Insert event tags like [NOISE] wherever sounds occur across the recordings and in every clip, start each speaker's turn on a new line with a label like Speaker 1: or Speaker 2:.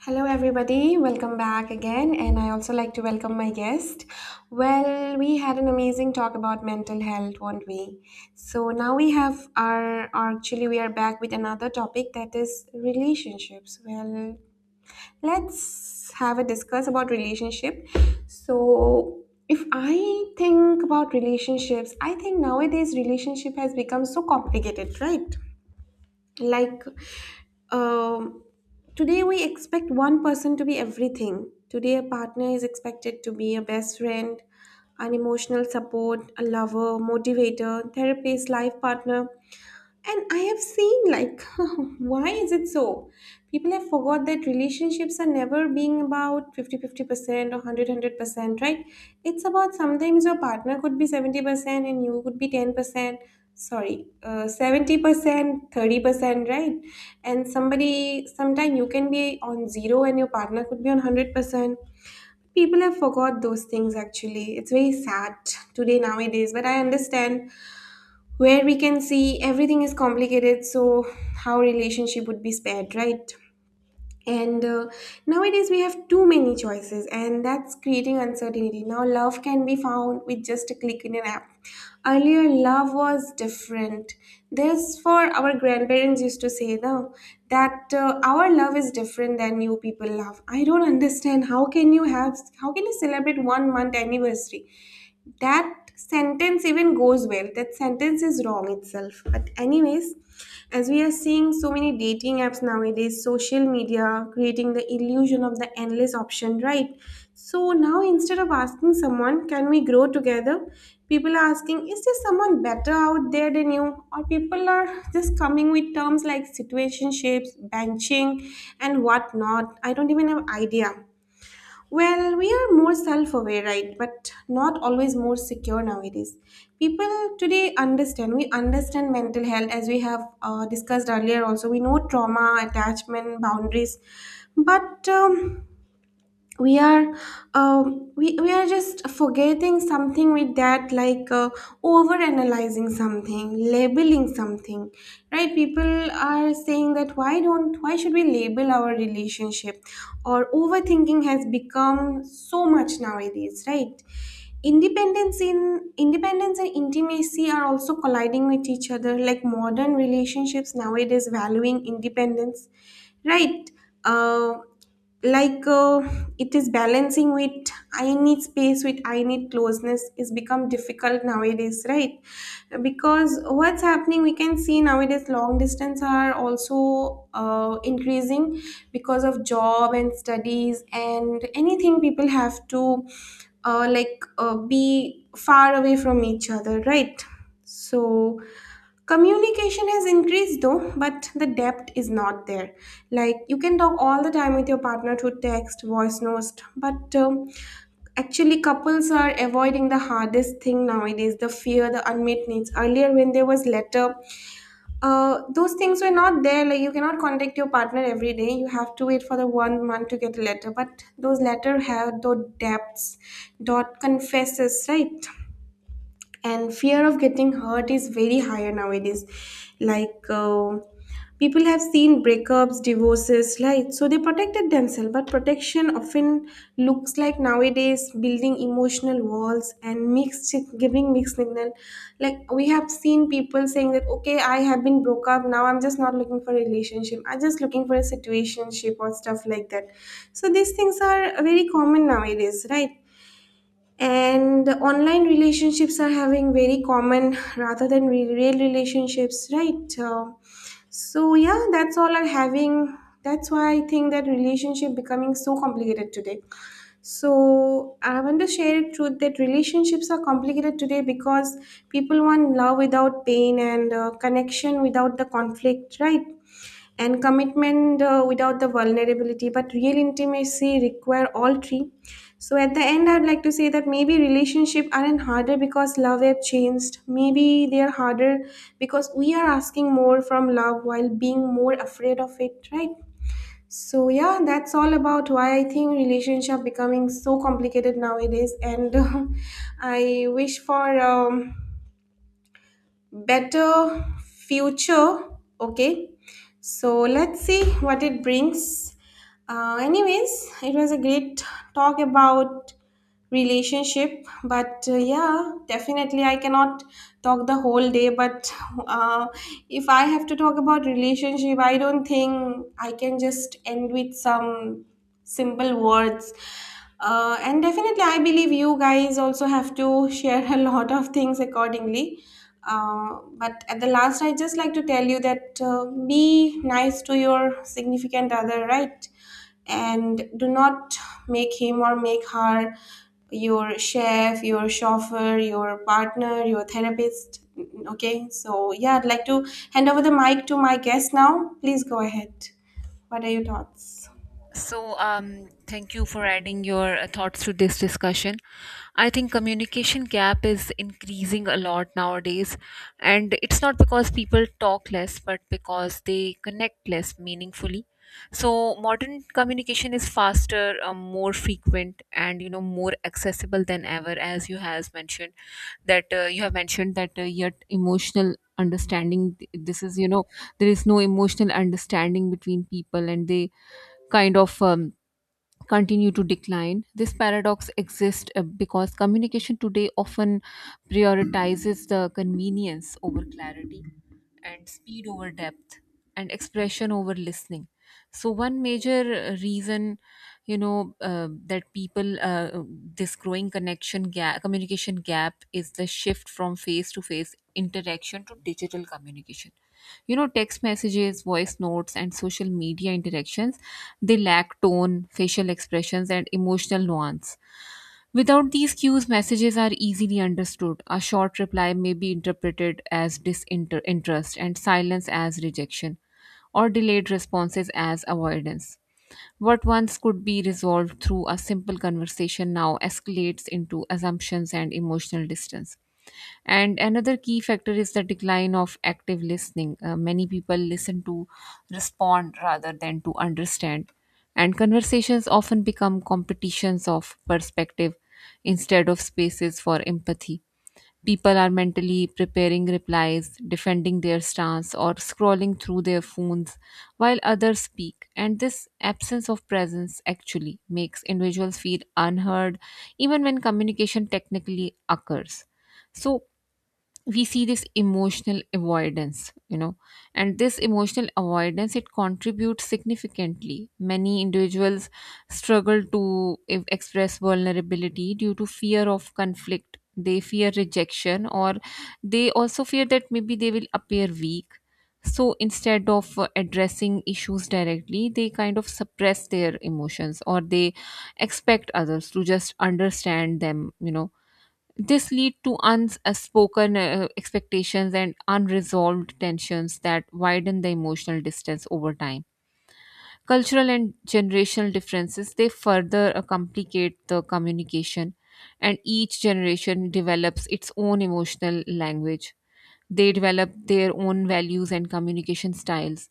Speaker 1: Hello, everybody. Welcome back again. And I also like to welcome my guest. Well, we had an amazing talk about mental health, weren't we? So now we have our, or actually, we are back with another topic that is relationships. Well, let's have a discuss about relationship. So, if I think about relationships, I think nowadays relationship has become so complicated, right? like um, Today we expect one person to be everything. Today a partner is expected to be a best friend, an emotional support, a lover, motivator, therapist, life partner, and I have seen, like, [LAUGHS] why is it so? People have forgot that relationships are never being about 50-50% or 100 percent, right? It's about sometimes your partner could be 70% and you could be 70%, 30%, right? And somebody, sometime you can be on zero and your partner could be on 100%. People have forgot those things actually. It's very sad today, nowadays, but I understand where we can see everything is complicated, so how relationship would be spared, right? and Nowadays we have too many choices and that's creating uncertainty. Now love can be found with just a click in an app. Earlier love was different. This for our grandparents used to say now that our love is different than you people love. I don't understand how can you celebrate 1 month anniversary. That sentence even goes well, that sentence is wrong itself, but anyways, as we are seeing so many dating apps nowadays, social media creating the illusion of the endless option, right? So now instead of asking someone, can we grow together, people are asking, is there someone better out there than you? Or people are just coming with terms like situationships, benching, and whatnot. I don't even have idea. Well, we are more self aware, right? But not always more secure nowadays. People today understand. We understand mental health as we have discussed earlier, also. We know trauma, attachment, boundaries. But we are we are just forgetting something with that, over analyzing something, labeling something, right? People are saying that why don't why should we label our relationship, or overthinking has become so much nowadays, right? Independence in independence and intimacy are also colliding with each other. Like modern relationships nowadays valuing independence, right? uh, like uh, it is balancing with I need space with I need closeness is become difficult nowadays, right? Because what's happening, we can see nowadays long distance are also increasing, because of job and studies and anything people have to be far away from each other, right? So communication has increased though, but the depth is not there. Like you can talk all the time with your partner through text, voice notes, but actually couples are avoiding the hardest thing nowadays: the fear, the unmet needs. Earlier, when there was letter, those things were not there. Like you cannot contact your partner every day. You have to wait for the 1 month to get a letter. But those letter have those depths, dot confesses, right? And fear of getting hurt is very higher nowadays. like uh, People have seen breakups, divorces, right? So they protected themselves, but protection often looks like nowadays building emotional walls and mixed giving mixed signal. Like we have seen people saying that, okay, I have been broke up, now I'm just not looking for a relationship, I'm just looking for a situationship or stuff like that. So these things are very common nowadays, right? And the online relationships are having very common rather than real relationships, right? So yeah, that's all are having. That's why I think that relationship becoming so complicated today. So I want to share a truth, that relationships are complicated today because people want love without pain, and connection without the conflict, right? And commitment without the vulnerability, but real intimacy require all three. So at the end, I'd like to say that maybe relationship aren't harder because love have changed, maybe they are harder because we are asking more from love while being more afraid of it, right? So yeah, that's all about why I think relationship becoming so complicated nowadays, and [LAUGHS] I wish for better future. Okay, so let's see what it brings. Anyways, it was a great talk about relationship, but yeah, definitely I cannot talk the whole day, but uh, if I have to talk about relationship, I don't think I can just end with some simple words. And definitely I believe you guys also have to share [LAUGHS] a lot of things accordingly. But at the last, I just like to tell you that be nice to your significant other, right? And do not make him or make her your chef, your chauffeur, your partner, your therapist. Okay, so yeah, I'd like to hand over the mic to my guest now. Please go ahead. What are your thoughts?
Speaker 2: Thank you for adding your thoughts to this discussion. I think communication gap is increasing a lot nowadays, and it's not because people talk less, but because they connect less meaningfully. So, modern communication is faster, more frequent, and more accessible than ever. As you has mentioned that You have mentioned that, yet emotional understanding this is you know there is no emotional understanding between people, and they kind of um, continue to decline. This paradox exists because communication today often prioritizes the convenience over clarity, and speed over depth, and expression over listening. So, one major reason that people this growing connection gap communication gap is the shift from face to face interaction to digital communication. Text messages, voice notes, and social media interactions, they lack tone, facial expressions, and emotional nuance. Without these cues, messages are easily understood. A short reply may be interpreted as disinterest, and silence as rejection, or delayed responses as avoidance. What once could be resolved through a simple conversation now escalates into assumptions and emotional distance. And another key factor is the decline of active listening. Many people listen to respond rather than to understand. And conversations often become competitions of perspective instead of spaces for empathy. People are mentally preparing replies, defending their stance, or scrolling through their phones while others speak. And this absence of presence actually makes individuals feel unheard, even when communication technically occurs. So, we see this emotional avoidance, and this emotional avoidance, it contributes significantly. Many individuals struggle to express vulnerability due to fear of conflict. They fear rejection, or they also fear that maybe they will appear weak. So instead of addressing issues directly, they kind of suppress their emotions, or they expect others to just understand them. This lead to unspoken expectations and unresolved tensions that widen the emotional distance over time. Cultural and generational differences, they further complicate the communication, and each generation develops its own emotional language. They develop their own values and communication styles.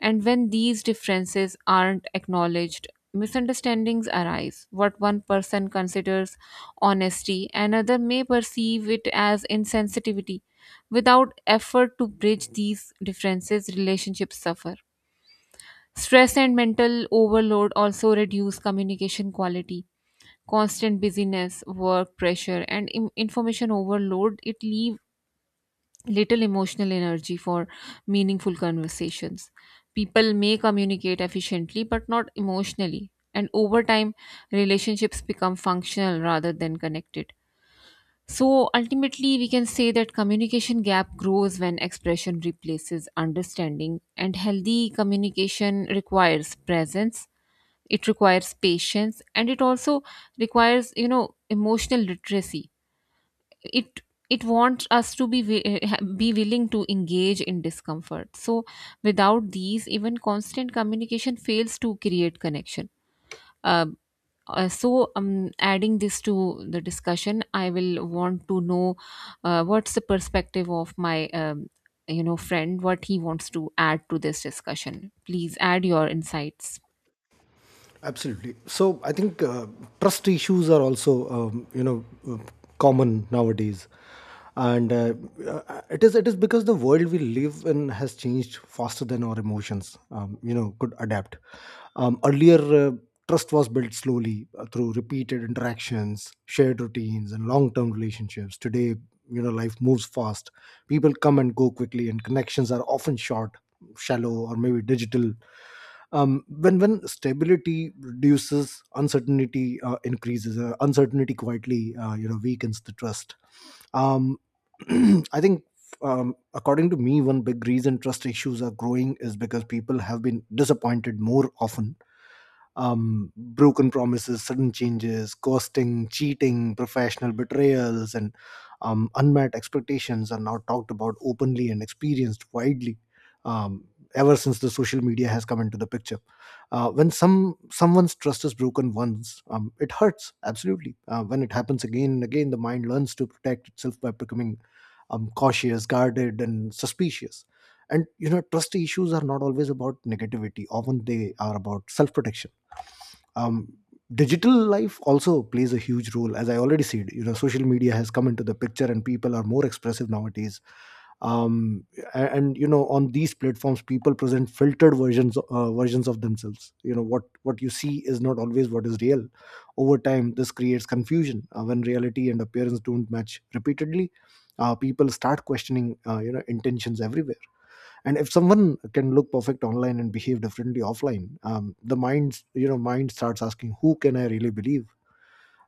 Speaker 2: And when these differences aren't acknowledged, misunderstandings arise. What one person considers honesty, another may perceive it as insensitivity. Without effort to bridge these differences, relationships suffer. Stress and mental overload also reduce communication quality. Constant busyness, work pressure, and information overload, it leaves little emotional energy for meaningful conversations. People may communicate efficiently but not emotionally, and over time, relationships become functional rather than connected. So, ultimately, we can say that communication gap grows when expression replaces understanding, and healthy communication requires presence, it requires patience, and it also requires, emotional literacy. it it wants us to be be willing to engage in discomfort. So without these, even constant communication fails to create connection. uh, Adding this to the discussion, I will want to know what's the perspective of my friend. What he wants to add to this discussion? Please add your insights.
Speaker 3: Absolutely. So I think trust issues are also common nowadays, and it is because the world we live in has changed faster than our emotions. Could adapt. Earlier, trust was built slowly through repeated interactions, shared routines, and long-term relationships. Today, life moves fast. People come and go quickly, and connections are often short, shallow, or maybe digital. When stability reduces uncertainty, increases uncertainty quietly, weakens the trust. um, [CLEARS THROAT] I think, according to me, one big reason trust issues are growing is because people have been disappointed more often. Broken promises, sudden changes, ghosting, cheating, professional betrayals, and unmet expectations are now talked about openly and experienced widely, um, ever since the social media has come into the picture. When someone's trust is broken once, it hurts absolutely. When it happens again and again, the mind learns to protect itself by becoming cautious, guarded, and suspicious. And you know, trust issues are not always about negativity. Often they are about self protection. um, Digital life also plays a huge role. As I already said, you know, social media has come into the picture and people are more expressive nowadays. Um, a- and you know, on these platforms people present filtered versions of themselves. You know, what you see is not always what is real. Over time this creates confusion. When reality and appearance don't match repeatedly, people start questioning, you know, intentions everywhere. And if someone can look perfect online and behave differently offline, the mind, you know, mind starts asking, who can I really believe?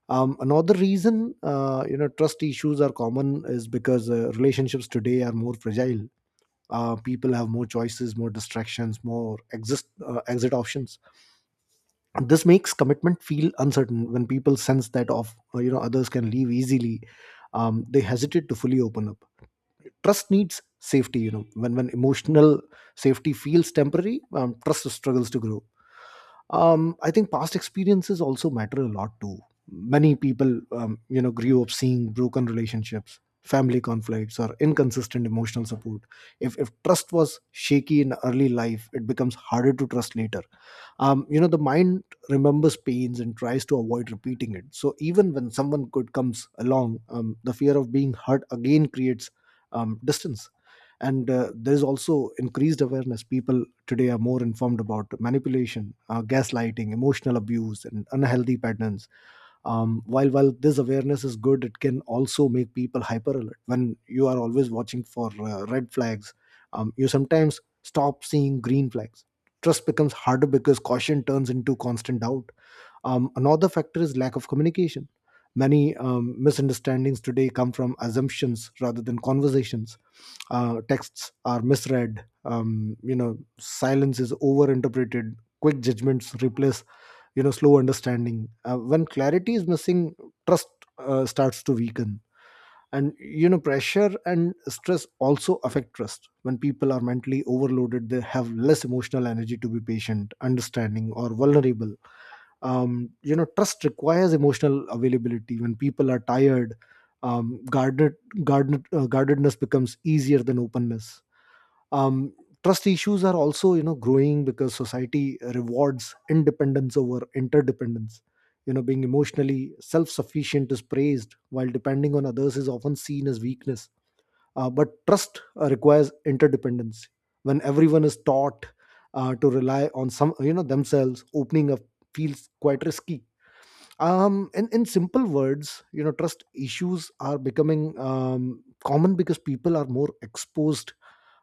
Speaker 3: Another reason trust issues are common is because relationships today are more fragile. People have more choices, more distractions, more exist exit options. This makes commitment feel uncertain. When people sense that, of you know others can leave easily, they hesitate to fully open up. Trust needs safety. You know, when emotional safety feels temporary, trust struggles to grow. I think past experiences also matter a lot too. Many people, you know, grew up seeing broken relationships, family conflicts, or inconsistent emotional support. If trust was shaky in early life, it becomes harder to trust later. You know, the mind remembers pains and tries to avoid repeating it, so even when someone good comes along, the fear of being hurt again creates distance. And there is also increased awareness. People today are more informed about manipulation, gaslighting, emotional abuse, and unhealthy patterns. While this awareness is good, it can also make people hyper alert. When you are always watching for red flags, you sometimes stop seeing green flags. Trust becomes harder because caution turns into constant doubt. Another factor is lack of communication. Many misunderstandings today come from assumptions rather than conversations. Texts are misread. You know, silence is overinterpreted. Quick judgments replace slow understanding. When clarity is missing, trust starts to weaken. And you know, pressure and stress also affect trust. When people are mentally overloaded, they have less emotional energy to be patient, understanding, or vulnerable. You know, trust requires emotional availability. When people are tired, um, guarded, guardedness becomes easier than openness. um, Trust issues are also, you know, growing because society rewards independence over interdependence. You know, being emotionally self-sufficient is praised, while depending on others is often seen as weakness. But trust requires interdependence. When everyone is taught to rely on some you know, themselves, opening up feels quite risky. In simple words, you know, trust issues are becoming common because people are more exposed,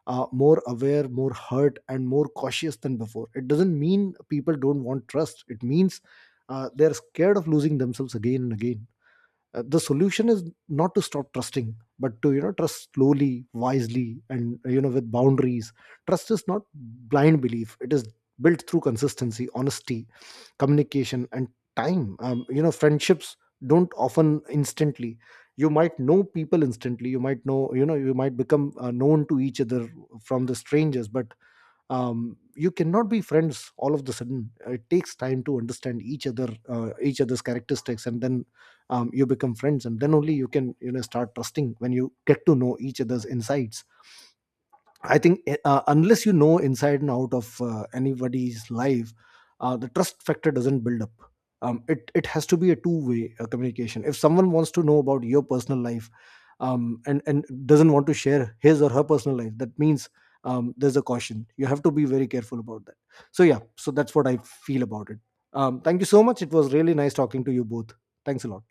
Speaker 3: more aware, more hurt, and more cautious than before. It doesn't mean people don't want trust. It means they're scared of losing themselves again and again. The solution is not to stop trusting, but to, you know, trust slowly, wisely, and you know, with boundaries. Trust is not blind belief. It is built through consistency, honesty, communication, and time. You know, friendships don't often instantly... You might know people instantly, you might know, you know, you might become known to each other from the strangers, but you cannot be friends all of the sudden. It takes time to understand each other, each other's characteristics, and then you become friends, and then only you can, you know, start trusting when you get to know each other's insides. I think unless you know inside and out of anybody's life, the trust factor doesn't build up. It has to be a two way communication. If someone wants to know about your personal life, and doesn't want to share his or her personal life, that means there's a caution. You have to be very careful about that. So yeah, so that's what I feel about it. Thank you so much. It was really nice talking to you both. Thanks a lot.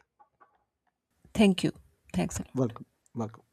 Speaker 2: Thank you. Thanks a lot.
Speaker 3: Welcome. Welcome.